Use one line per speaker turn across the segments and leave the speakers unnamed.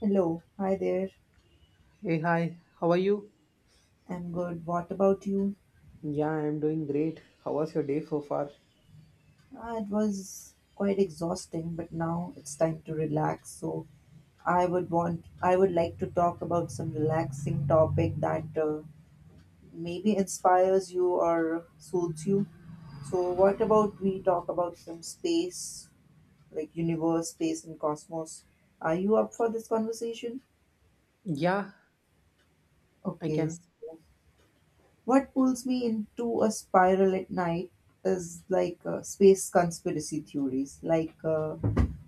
Hello, hi there.
Hey, hi, how are you?
I'm good. What about you?
Yeah, I'm doing great. How was your day so far?
Ah, it was quite exhausting, but now it's time to relax. So I would like to talk about some relaxing topic that maybe inspires you or soothes you. So what about we talk about some space, like universe, space, and cosmos? Are you up for this conversation?
Yeah, I
Okay.
can.
What pulls me into a spiral at night is space conspiracy theories.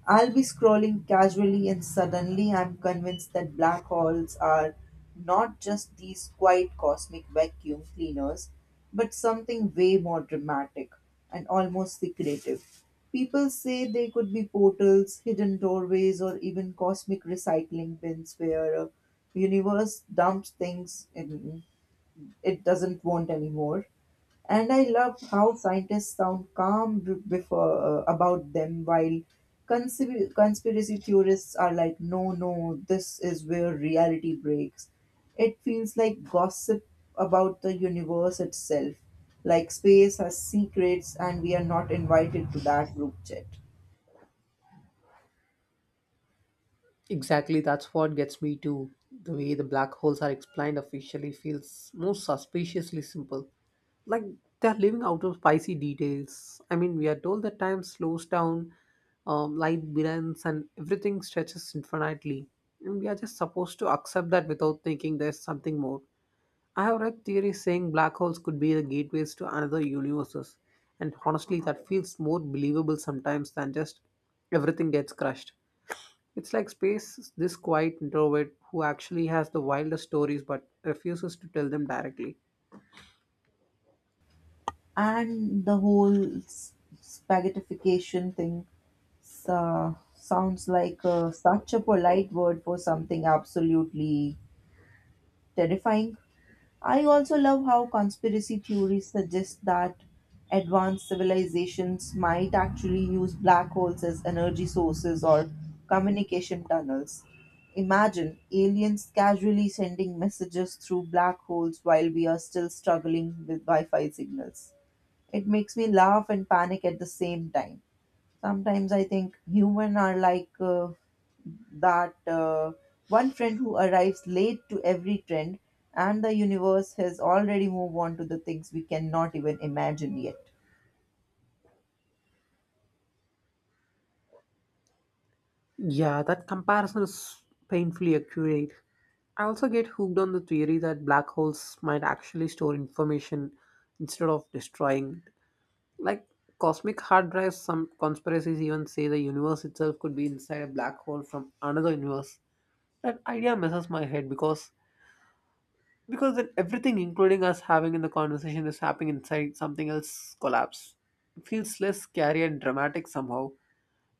I'll be scrolling casually, and suddenly I'm convinced that black holes are not just these quiet cosmic vacuum cleaners, but something way more dramatic and almost secretive. People say they could be portals, hidden doorways, or even cosmic recycling bins where a universe dumps things in it doesn't want anymore. And I love how scientists sound calm b- before about them, while conspiracy theorists are like, no, no, this is where reality breaks. It feels like gossip about the universe itself, like space has secrets and we are not invited to that group chat.
Exactly, that's what gets me too. The way the black holes are explained officially feels most suspiciously simple. Like they're living out of spicy details. I mean, we are told that time slows down, light bends, and everything stretches infinitely. And we are just supposed to accept that without thinking there's something more. I have read theories saying black holes could be the gateways to another universes, and honestly, that feels more believable sometimes than just everything gets crushed. It's like space is this quiet introvert who actually has the wildest stories but refuses to tell them directly.
And the whole spaghettification thing sounds like such a polite word for something absolutely terrifying. I also love how conspiracy theories suggest that advanced civilizations might actually use black holes as energy sources or communication tunnels. Imagine aliens casually sending messages through black holes while we are still struggling with Wi Fi signals. It makes me laugh and panic at the same time. Sometimes I think human are like that one friend who arrives late to every trend, and the universe has already moved on to the things we cannot even imagine yet.
Yeah, that comparison is painfully accurate. I also get hooked on the theory that black holes might actually store information instead of destroying it. Like cosmic hard drives, some conspiracies even say the universe itself could be inside a black hole from another universe. That idea messes my head because then everything, including us having in the conversation, is happening inside something else collapse. It feels less scary and dramatic somehow.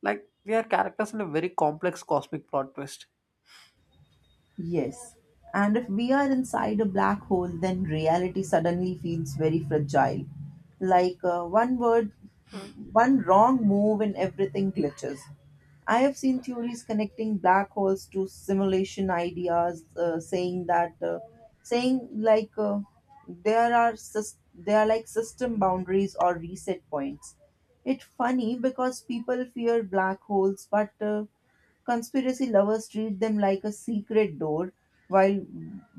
Like we are characters in a very complex cosmic plot twist.
Yes. And if we are inside a black hole, then reality suddenly feels very fragile. Like one word, one wrong move, and everything glitches. I have seen theories connecting black holes to simulation ideas, saying that, saying like there are sys- they are like system boundaries or reset points. It's funny because people fear black holes, but conspiracy lovers treat them like a secret door while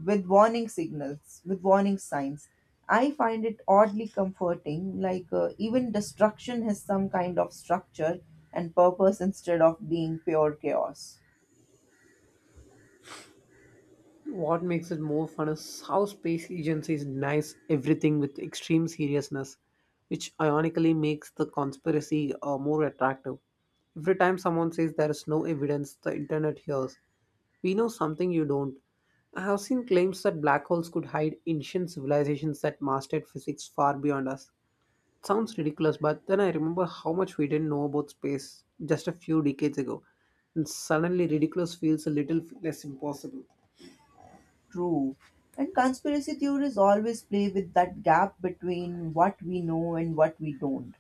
with warning signs. I find it oddly comforting, like even destruction has some kind of structure and purpose instead of being pure chaos.
What makes it more fun is how space agencies denies everything with extreme seriousness, which ironically makes the conspiracy more attractive. Every time someone says there is no evidence, the internet hears, we know something you don't. I have seen claims that black holes could hide ancient civilizations that mastered physics far beyond us. Sounds ridiculous, but then I remember how much we didn't know about space just a few decades ago, and suddenly ridiculous feels a little less impossible.
True. And conspiracy theories always play with that gap between what we know and what we don't.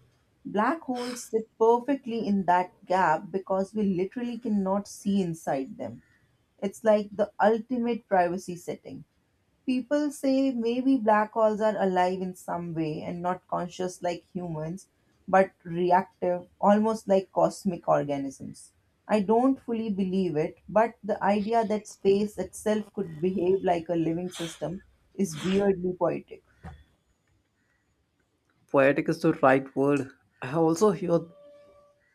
Black holes sit perfectly in that gap because we literally cannot see inside them. It's like the ultimate privacy setting. People say maybe black holes are alive in some way and not conscious like humans, but reactive, almost like cosmic organisms. I don't fully believe it, but the idea that space itself could behave like a living system is weirdly poetic.
Poetic is the right word. I also hear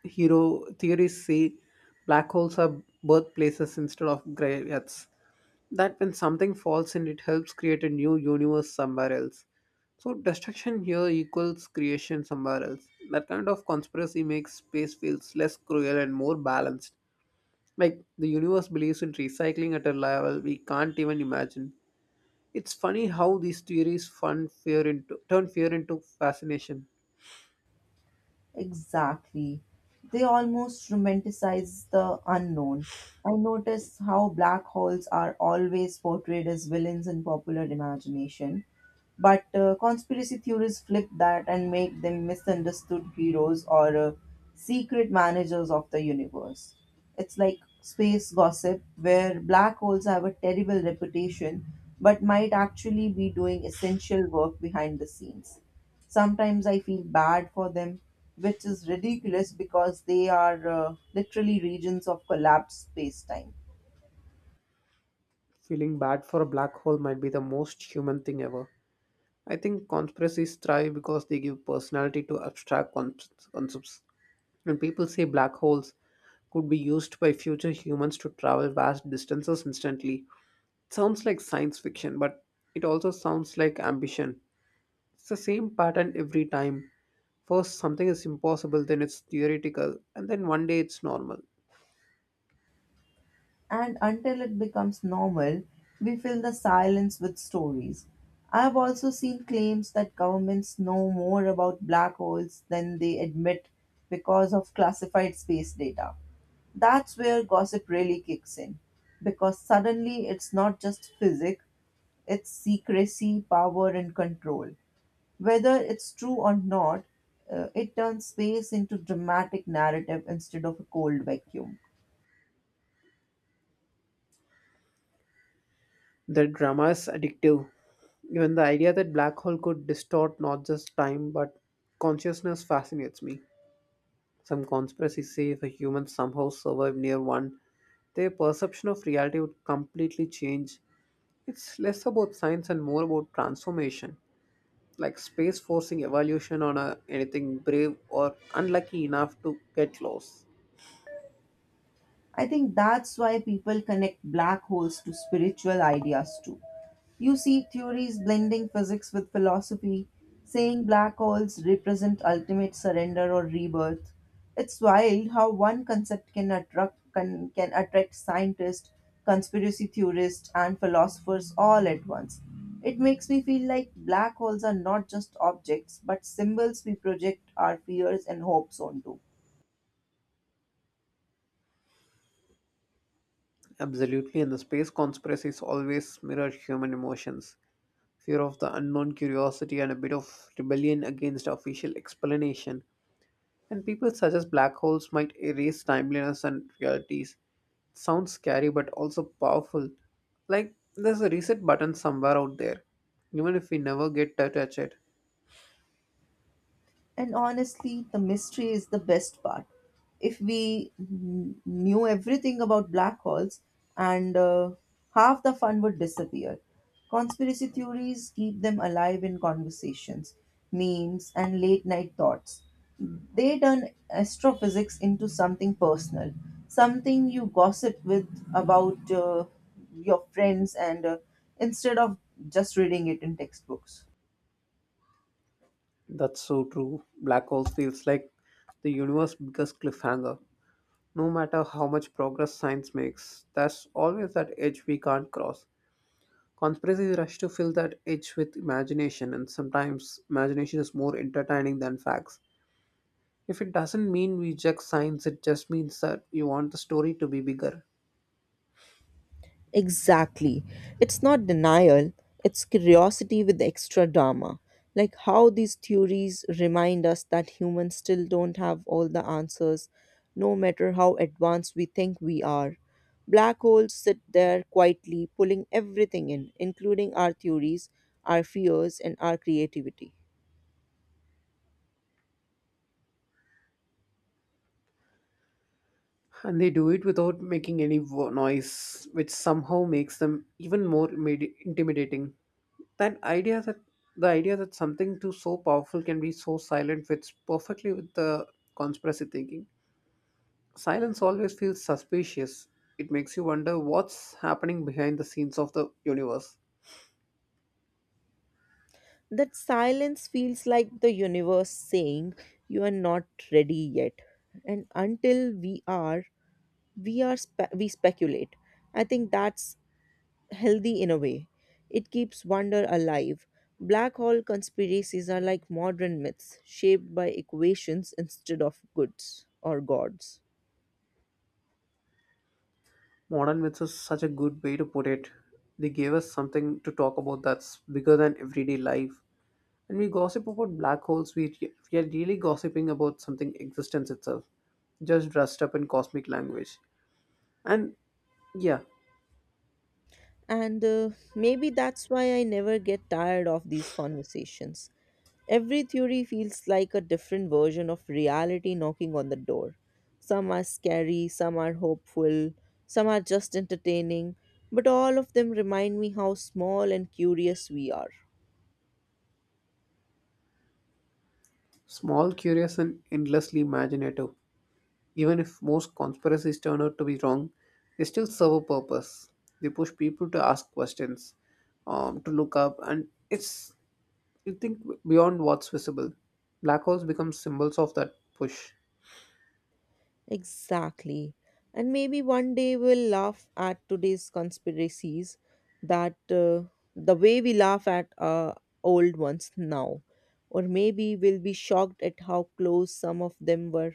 hero theories say black holes are birthplaces instead of graveyards. That when something falls in, it helps create a new universe somewhere else. So destruction here equals creation somewhere else. That kind of conspiracy makes space feels less cruel and more balanced. Like the universe believes in recycling at a level we can't even imagine. It's funny how these theories fun fear into turn fear into fascination.
Exactly. They almost romanticize the unknown. I notice how black holes are always portrayed as villains in popular imagination, but conspiracy theories flip that and make them misunderstood heroes or secret managers of the universe. It's like space gossip, where black holes have a terrible reputation but might actually be doing essential work behind the scenes. Sometimes I feel bad for them, which is ridiculous because they are literally regions of collapsed space time.
Feeling bad for a black hole might be the most human thing ever. I think conspiracies thrive because they give personality to abstract concepts. When people say black holes could be used by future humans to travel vast distances instantly, it sounds like science fiction, but it also sounds like ambition. It's the same pattern every time. First, something is impossible, then it's theoretical, and then one day it's normal.
And until it becomes normal, we fill the silence with stories. I've also seen claims that governments know more about black holes than they admit because of classified space data. That's where gossip really kicks in, because suddenly it's not just physics, it's secrecy, power, and control. Whether it's true or not, it turns space into dramatic narrative instead of a cold vacuum.
The drama is addictive. Even the idea that black hole could distort not just time but consciousness fascinates me. Some conspiracies say if a human somehow survived near one, their perception of reality would completely change. It's less about science and more about transformation, like space forcing evolution on anything brave or unlucky enough to get lost.
I think that's why people connect black holes to spiritual ideas too. You see theories blending physics with philosophy, saying black holes represent ultimate surrender or rebirth. It's wild how one concept can attract scientists, conspiracy theorists and philosophers all at once. It makes me feel like black holes are not just objects but symbols we project our fears and hopes onto.
Absolutely, and the space conspiracies always mirror human emotions. Fear of the unknown, curiosity, and a bit of rebellion against official explanation. And people suggest black holes might erase timeliness and realities. Sounds scary but also powerful. Like there's a reset button somewhere out there, even if we never get to touch it.
And honestly, the mystery is the best part. If we knew everything about black holes, and half the fun would disappear. Conspiracy theories keep them alive in conversations, memes, and late night thoughts. They turn astrophysics into something personal, something you gossip with about your friends, and instead of just reading it in textbooks.
That's so true. Black holes feels like the universe's biggest cliffhanger. No matter how much progress science makes, there's always that edge we can't cross. Conspiracies rush to fill that edge with imagination, and sometimes imagination is more entertaining than facts. If it doesn't mean we reject science, it just means that you want the story to be bigger.
Exactly. It's not denial, it's curiosity with extra drama. Like how these theories remind us that humans still don't have all the answers, no matter how advanced we think we are. Black holes sit there quietly, pulling everything in, including our theories, our fears, and our creativity.
And they do it without making any noise, which somehow makes them even more intimidating. That idea that The idea that something too so powerful can be so silent fits perfectly with the conspiracy thinking. Silence always feels suspicious. It makes you wonder what's happening behind the scenes of the universe.
That silence feels like the universe saying, you are not ready yet. And until we are, we speculate. I think that's healthy in a way. It keeps wonder alive. Black hole conspiracies are like modern myths shaped by equations instead of goods or gods.
Modern myths is such a good way to put it. They gave us something to talk about that's bigger than everyday life. When we gossip about black holes, we are really gossiping about something existence itself, just dressed up in cosmic language. And yeah,
And Maybe that's why I never get tired of these conversations. Every theory feels like a different version of reality knocking on the door. Some are scary, some are hopeful, some are just entertaining, but all of them remind me how small and curious we are.
small, curious, and endlessly imaginative. Even if most conspiracies turn out to be wrong, they still serve a purpose. They push people to ask questions, to look up, and it's you think beyond what's visible. Black holes become symbols of that push,
Exactly. And maybe one day we'll laugh at today's conspiracies that the way we laugh at old ones now. Or maybe we'll be shocked at how close some of them were.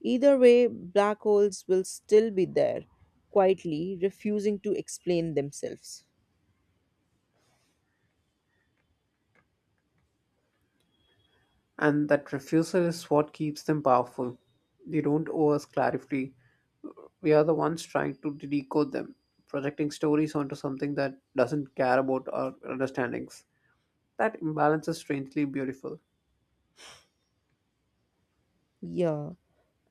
Either way, black holes will still be there, quietly refusing to explain themselves.
and that refusal is what keeps them powerful. They don't owe us clarity. We are the ones trying to decode them, projecting stories onto something that doesn't care about our understandings. That imbalance is strangely beautiful.
Yeah,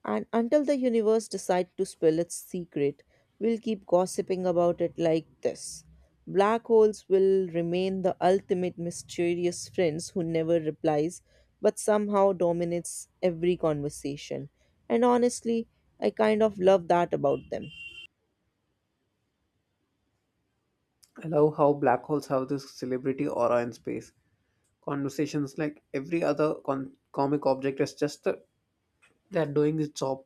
and until the universe decides to spill its secret, we'll keep gossiping about it like this. Black holes will remain the ultimate mysterious friends who never replies but somehow dominates every conversation. And honestly, I kind of love that about them.
I love how black holes have this celebrity aura in space. Conversations like every other comic object is just the, they're doing its job.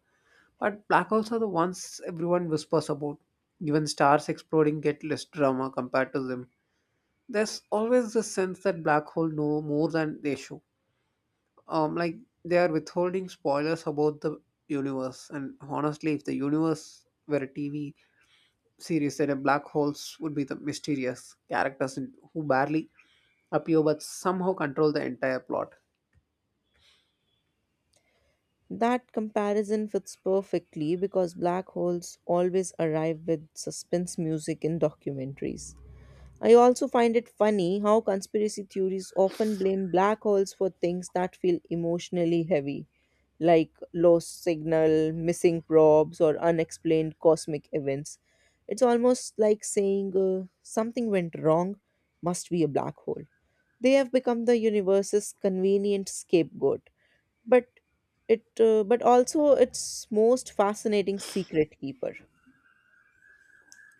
But black holes are the ones everyone whispers about. Even stars exploding get less drama compared to them. There's always this sense that black holes know more than they show. Like they are withholding spoilers about the universe. And honestly, if the universe were a TV series, then a black holes would be the mysterious characters who barely appear but somehow control the entire plot.
That comparison fits perfectly because black holes always arrive with suspense music in documentaries. I also find it funny how conspiracy theories often blame black holes for things that feel emotionally heavy, like lost signal, missing probes, or unexplained cosmic events. It's almost like saying something went wrong, must be a black hole. They have become the universe's convenient scapegoat but it but also its most fascinating secret keeper.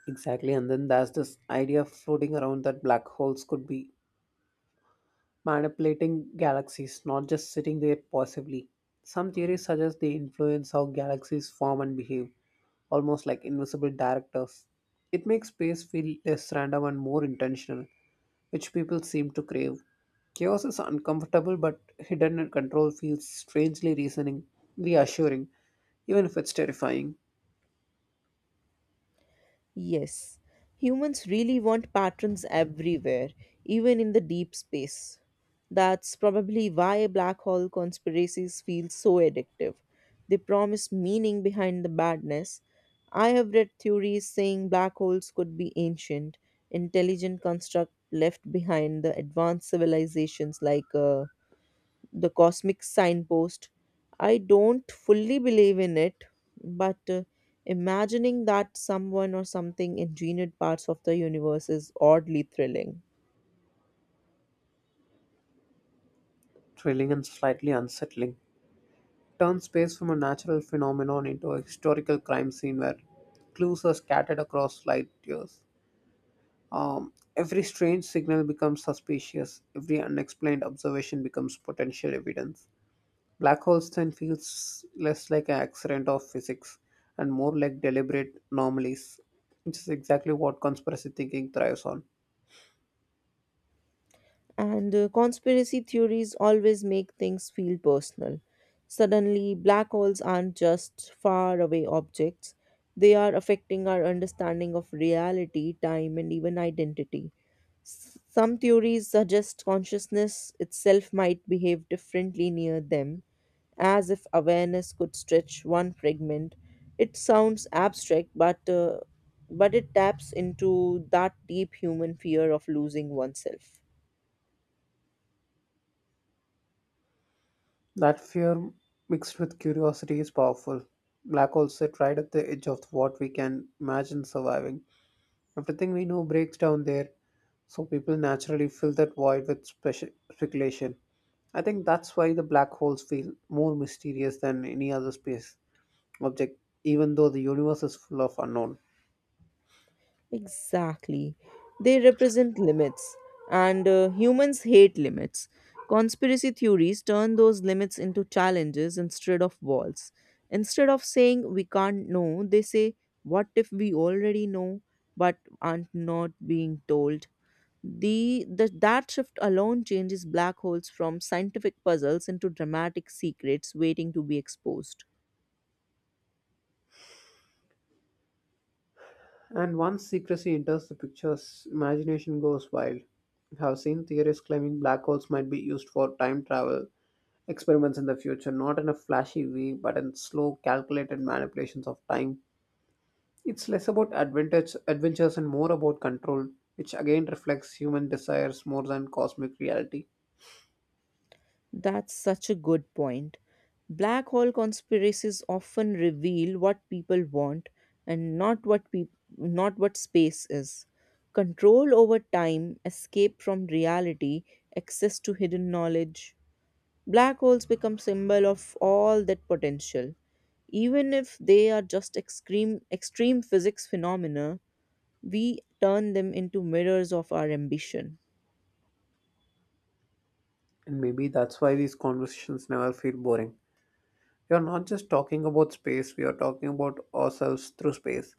Exactly, and then there's this idea floating around that black holes could be manipulating galaxies, not just sitting there passively. Some theories suggest they influence how galaxies form and behave, almost like invisible directors. It makes space feel less random and more intentional, which people seem to crave. Chaos is uncomfortable, but hidden and control feels strangely reassuring, even if it's terrifying.
Yes, humans really want patterns everywhere, even in the deep space. That's probably why black hole conspiracies feel so addictive. They promise meaning behind the badness. I have read theories saying black holes could be ancient, intelligent construct left behind the advanced civilizations like the cosmic signpost. I don't fully believe in it, but imagining that someone or something engineered parts of the universe is oddly thrilling.
Thrilling and slightly unsettling. Turns space from a natural phenomenon into a historical crime scene where clues are scattered across light years. Every strange signal becomes suspicious, every unexplained observation becomes potential evidence. Black holes then feels less like an accident of physics and more like deliberate anomalies, which is exactly what conspiracy thinking thrives on.
And Conspiracy theories always make things feel personal. Suddenly, black holes aren't just far away objects, they are affecting our understanding of reality, time, and even identity. Some theories suggest consciousness itself might behave differently near them, as if awareness could stretch one fragment. It sounds abstract, but it taps into that deep human fear of losing oneself.
That fear mixed with curiosity is powerful. Black holes sit right at the edge of what we can imagine surviving. Everything we know breaks down there, so people naturally fill that void with speculation. I think that's why the black holes feel more mysterious than any other space object, even though the universe is full of unknown.
Exactly. They represent limits, and humans hate limits. Conspiracy theories turn those limits into challenges instead of walls. Instead of saying we can't know, they say, what if we already know but aren't not being told? The that shift alone changes black holes from scientific puzzles into dramatic secrets waiting to be exposed.
And once secrecy enters the pictures, imagination goes wild. I have seen theorists claiming black holes might be used for time travel experiments in the future, not in a flashy way, but in slow, calculated manipulations of time. It's less about adventures and more about control, which again reflects human desires more than cosmic reality.
That's such a good point. Black hole conspiracies often reveal what people want and not what space is. Control over time, escape from reality, access to hidden knowledge. Black holes become symbol of all that potential. Even if they are just extreme physics phenomena, we turn them into mirrors of our ambition.
And maybe that's why these conversations never feel boring. We are not just talking about space, we are talking about ourselves through space.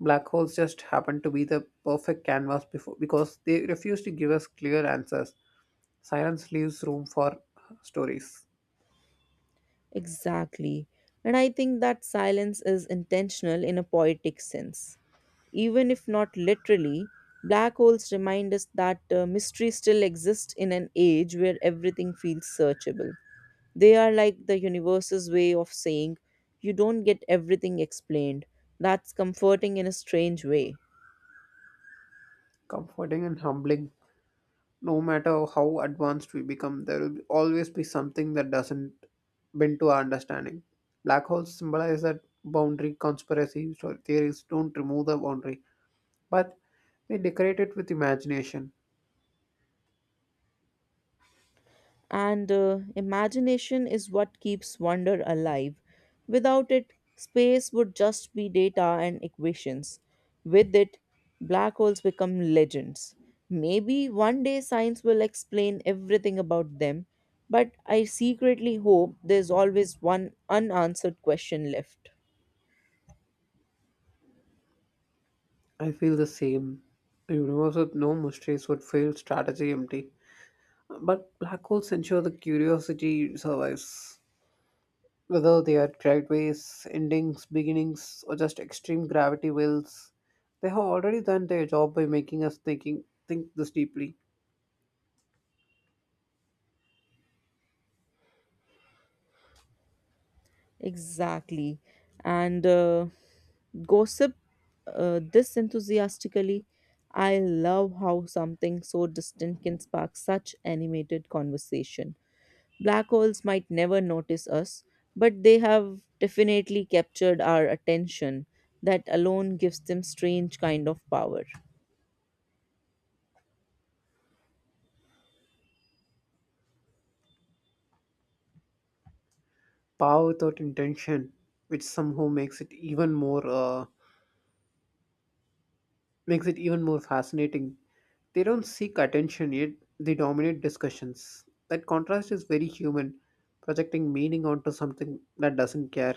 Black holes just happen to be the perfect canvas before, because they refuse to give us clear answers. Silence leaves room for stories.
Exactly. And I think that silence is intentional in a poetic sense. Even if not literally, black holes remind us that mystery still exists in an age where everything feels searchable. They are like the universe's way of saying, you don't get everything explained. That's comforting in a strange way.
Comforting and humbling no matter how advanced we become, there will always be something that doesn't bend to our understanding. Black holes symbolize that boundary conspiracy so theories don't remove the boundary, but they decorate it with imagination.
And Imagination is what keeps wonder alive. Without it, space would just be data and equations. With it, black holes become legends. Maybe one day science will explain everything about them, but I secretly hope there's always one unanswered question left.
I feel the same. The universe with no mysteries would feel strategy empty. But black holes ensure the curiosity survives. Whether they are driveways, endings, beginnings, or just extreme gravity whales, they have already done their job by making us think this deeply.
Exactly. And Gossip this enthusiastically. I love how something so distant can spark such animated conversation. Black holes might never notice us, but they have definitely captured our attention. That alone gives them strange kind of power.
Power without intention, which somehow makes it even more makes it even more fascinating. They don't seek attention yet they dominate discussions. That contrast is very human, projecting meaning onto something that doesn't care.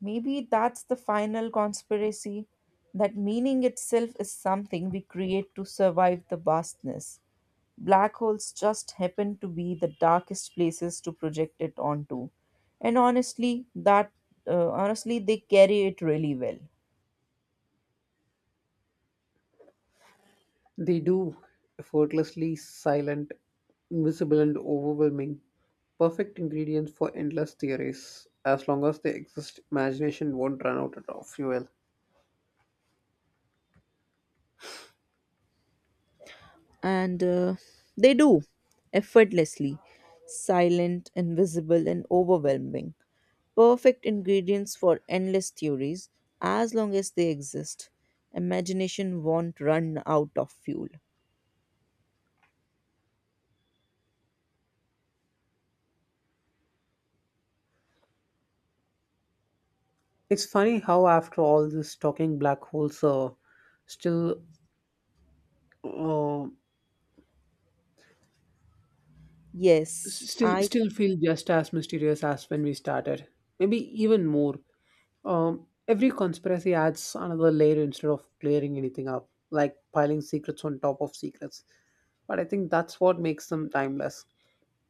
Maybe that's the final conspiracy that meaning itself is something we create to survive the vastness. Black holes just happen to be the darkest places to project it onto. And honestly, that honestly they carry it really well.
They do effortlessly silent, invisible, and overwhelming. Perfect ingredients for endless theories. As long as they exist, imagination won't run out of fuel.
And They do effortlessly, silent, invisible and overwhelming. Perfect ingredients for endless theories as long as they exist. Imagination won't run out of fuel.
It's funny how, after all this talking, black holes are still uh,
Yes, I.
still feel just as mysterious as when we started. Maybe even more. Every conspiracy adds another layer instead of clearing anything up, like piling secrets on top of secrets. But I think that's what makes them timeless.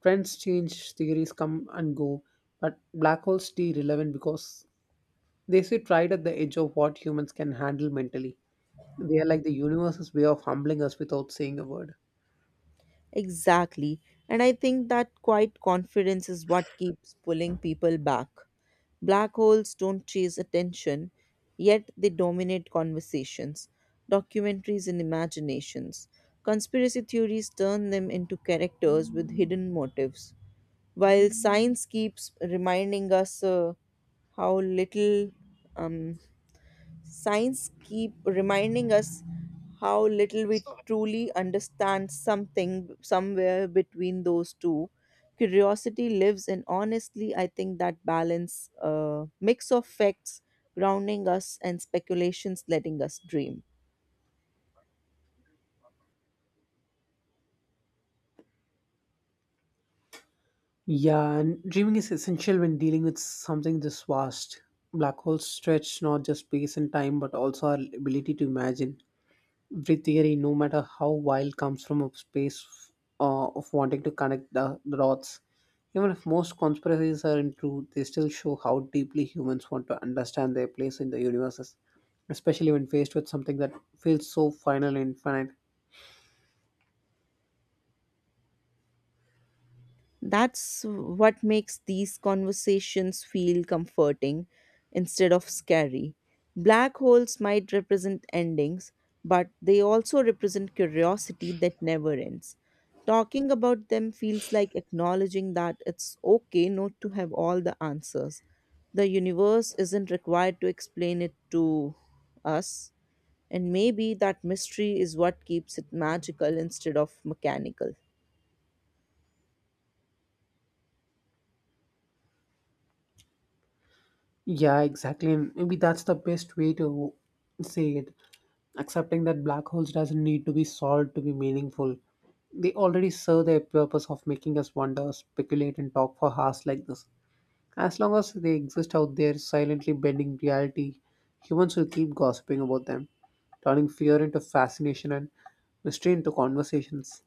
Trends change, theories come and go, but black holes stay relevant because they sit right at the edge of what humans can handle mentally. They are like the universe's way of humbling us without saying a word.
Exactly. And I think that quiet confidence is what keeps pulling people back. Black holes don't chase attention, yet they dominate conversations, documentaries, and imaginations. Conspiracy theories turn them into characters with hidden motives, while science keeps reminding us how little um, signs keep reminding us how little we truly understand something somewhere between those two. Curiosity lives, and honestly, I think that balance, mix of facts grounding us and speculations letting us dream.
Yeah, and dreaming is essential when dealing with something this vast. Black holes stretch not just space and time, but also our ability to imagine. Every theory, no matter how wild, comes from a space of wanting to connect the dots. Even if most conspiracies are untrue, they still show how deeply humans want to understand their place in the universes, especially when faced with something that feels so final and infinite.
That's what makes these conversations feel comforting instead of scary. Black holes might represent endings, but they also represent curiosity that never ends. Talking about them feels like acknowledging that it's okay not to have all the answers. The universe isn't required to explain it to us, and maybe that mystery is what keeps it magical instead of mechanical.
Yeah, exactly. And maybe that's the best way to say it. Accepting that black holes doesn't need to be solved to be meaningful. They already serve their purpose of making us wonder, speculate, and talk for hours like this. As long as they exist out there silently bending reality, humans will keep gossiping about them, turning fear into fascination and mystery into conversations.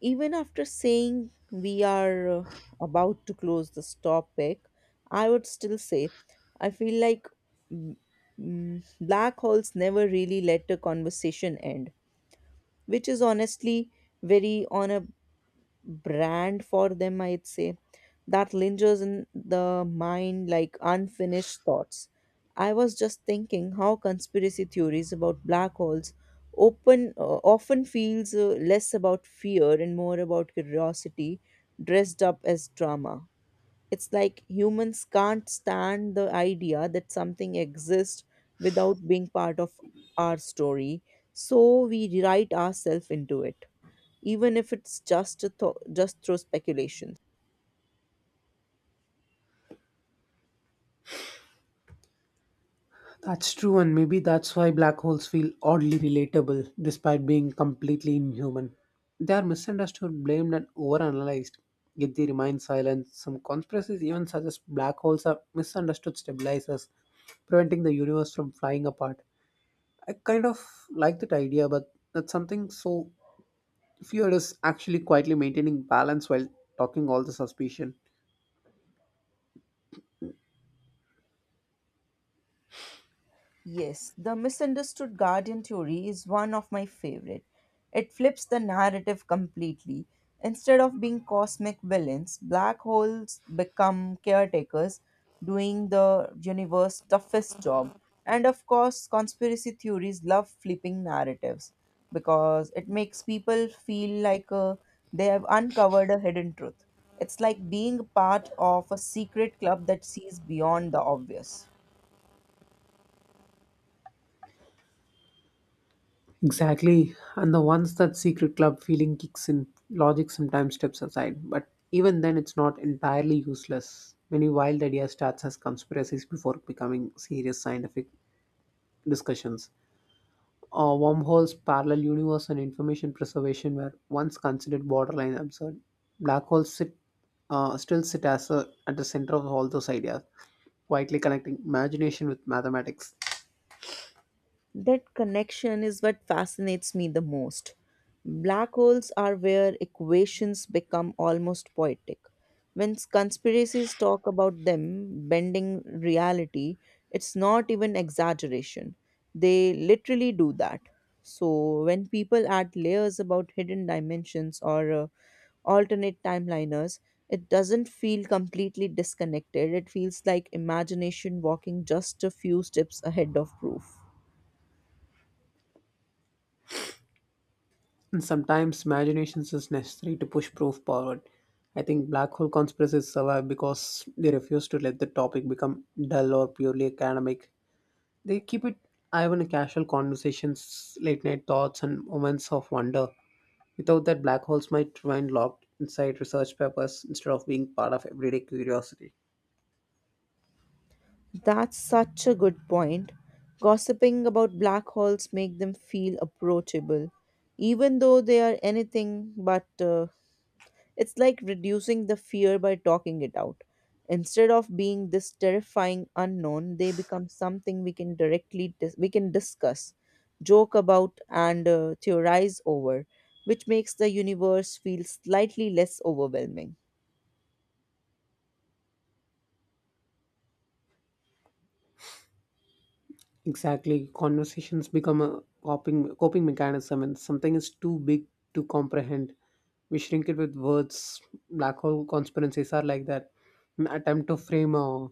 Even after saying we are about to close this topic, I would still say I feel like mm, black holes never really let a conversation end, which is honestly very on a brand for them, I'd say that lingers in the mind like unfinished thoughts. I was just thinking how conspiracy theories about black holes open often feels less about fear and more about curiosity dressed up as drama. It's like humans can't stand the idea that something exists without being part of our story, so we write ourselves into it, even if it's just through speculations.
That's true, and maybe that's why black holes feel oddly relatable despite being completely inhuman. They are misunderstood, blamed, and overanalyzed. Yet they remain silent. Some conspiracies even suggest black holes are misunderstood stabilizers, preventing the universe from flying apart. I kind of like that idea, but that's something so fear is actually quietly maintaining balance while talking all the suspicion.
Yes, the misunderstood guardian theory is one of my favorite. It flips the narrative completely. Instead of being cosmic villains, black holes become caretakers doing the universe's toughest job. And of course, conspiracy theories love flipping narratives because it makes people feel like they have uncovered a hidden truth. It's like being part of a secret club that sees beyond the obvious.
Exactly. And the once that secret club feeling kicks in, logic sometimes steps aside. But even then, it's not entirely useless. Many wild ideas starts as conspiracies before becoming serious scientific discussions. Wormholes, parallel universe, and information preservation were once considered borderline absurd. Black holes still sit as at the center of all those ideas, quietly connecting imagination with mathematics.
That connection is what fascinates me the most. Black holes are where equations become almost poetic. When conspiracies talk about them bending reality, it's not even exaggeration. They literally do that. So, when people add layers about hidden dimensions or alternate timeliners, it doesn't feel completely disconnected. It feels like imagination walking just a few steps ahead of proof.
And sometimes imagination is necessary to push proof forward. I think black hole conspiracies survive because they refuse to let the topic become dull or purely academic. They keep it alive in casual conversations, late night thoughts, and moments of wonder. Without that, black holes might remain locked inside research papers instead of being part of everyday curiosity.
That's such a good point. Gossiping about black holes make them feel approachable, even though they are anything but. It's like reducing the fear by talking it out. Instead of being this terrifying unknown, they become something we can discuss, joke about, and theorize over, which makes the universe feel slightly less overwhelming.
Exactly. Conversations become a coping mechanism and something is too big to comprehend. We shrink it with words. Black hole conspiracies are like that. An attempt to frame a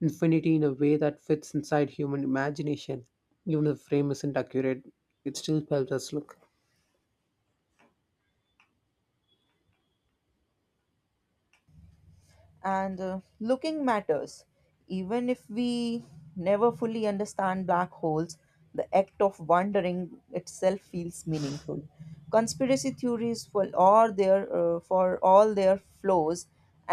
infinity in a way that fits inside human imagination. Even if the frame isn't accurate, it still helps us look.
And Looking matters even if we never fully understand black holes. The act of wondering itself feels meaningful. Conspiracy theories, for all their flaws,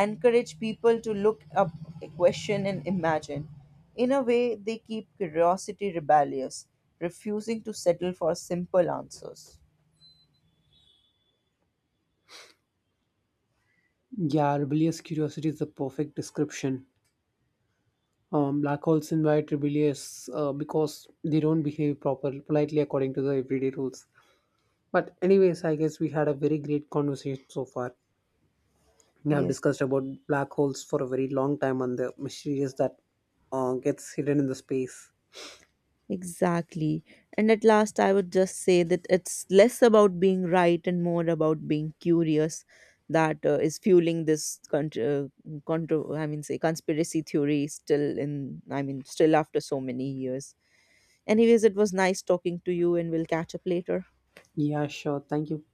encourage people to look up, question and imagine. In a way they keep curiosity rebellious, refusing to settle for simple answers.
Yeah, rebellious curiosity is the perfect description. Black holes invite rebellious because they don't behave proper politely according to the everyday rules. But anyways, I guess we had a very great conversation so far. We have
Yes.
discussed about black holes for a very long time and the mysteries that gets hidden in the space.
Exactly. And at last, I would just say that it's less about being right and more about being curious that is fueling this contr contro- I mean, say conspiracy theory still in, I mean, still after so many years. Anyways, it was nice talking to you, and we'll catch up later.
Yeah, sure. Thank you.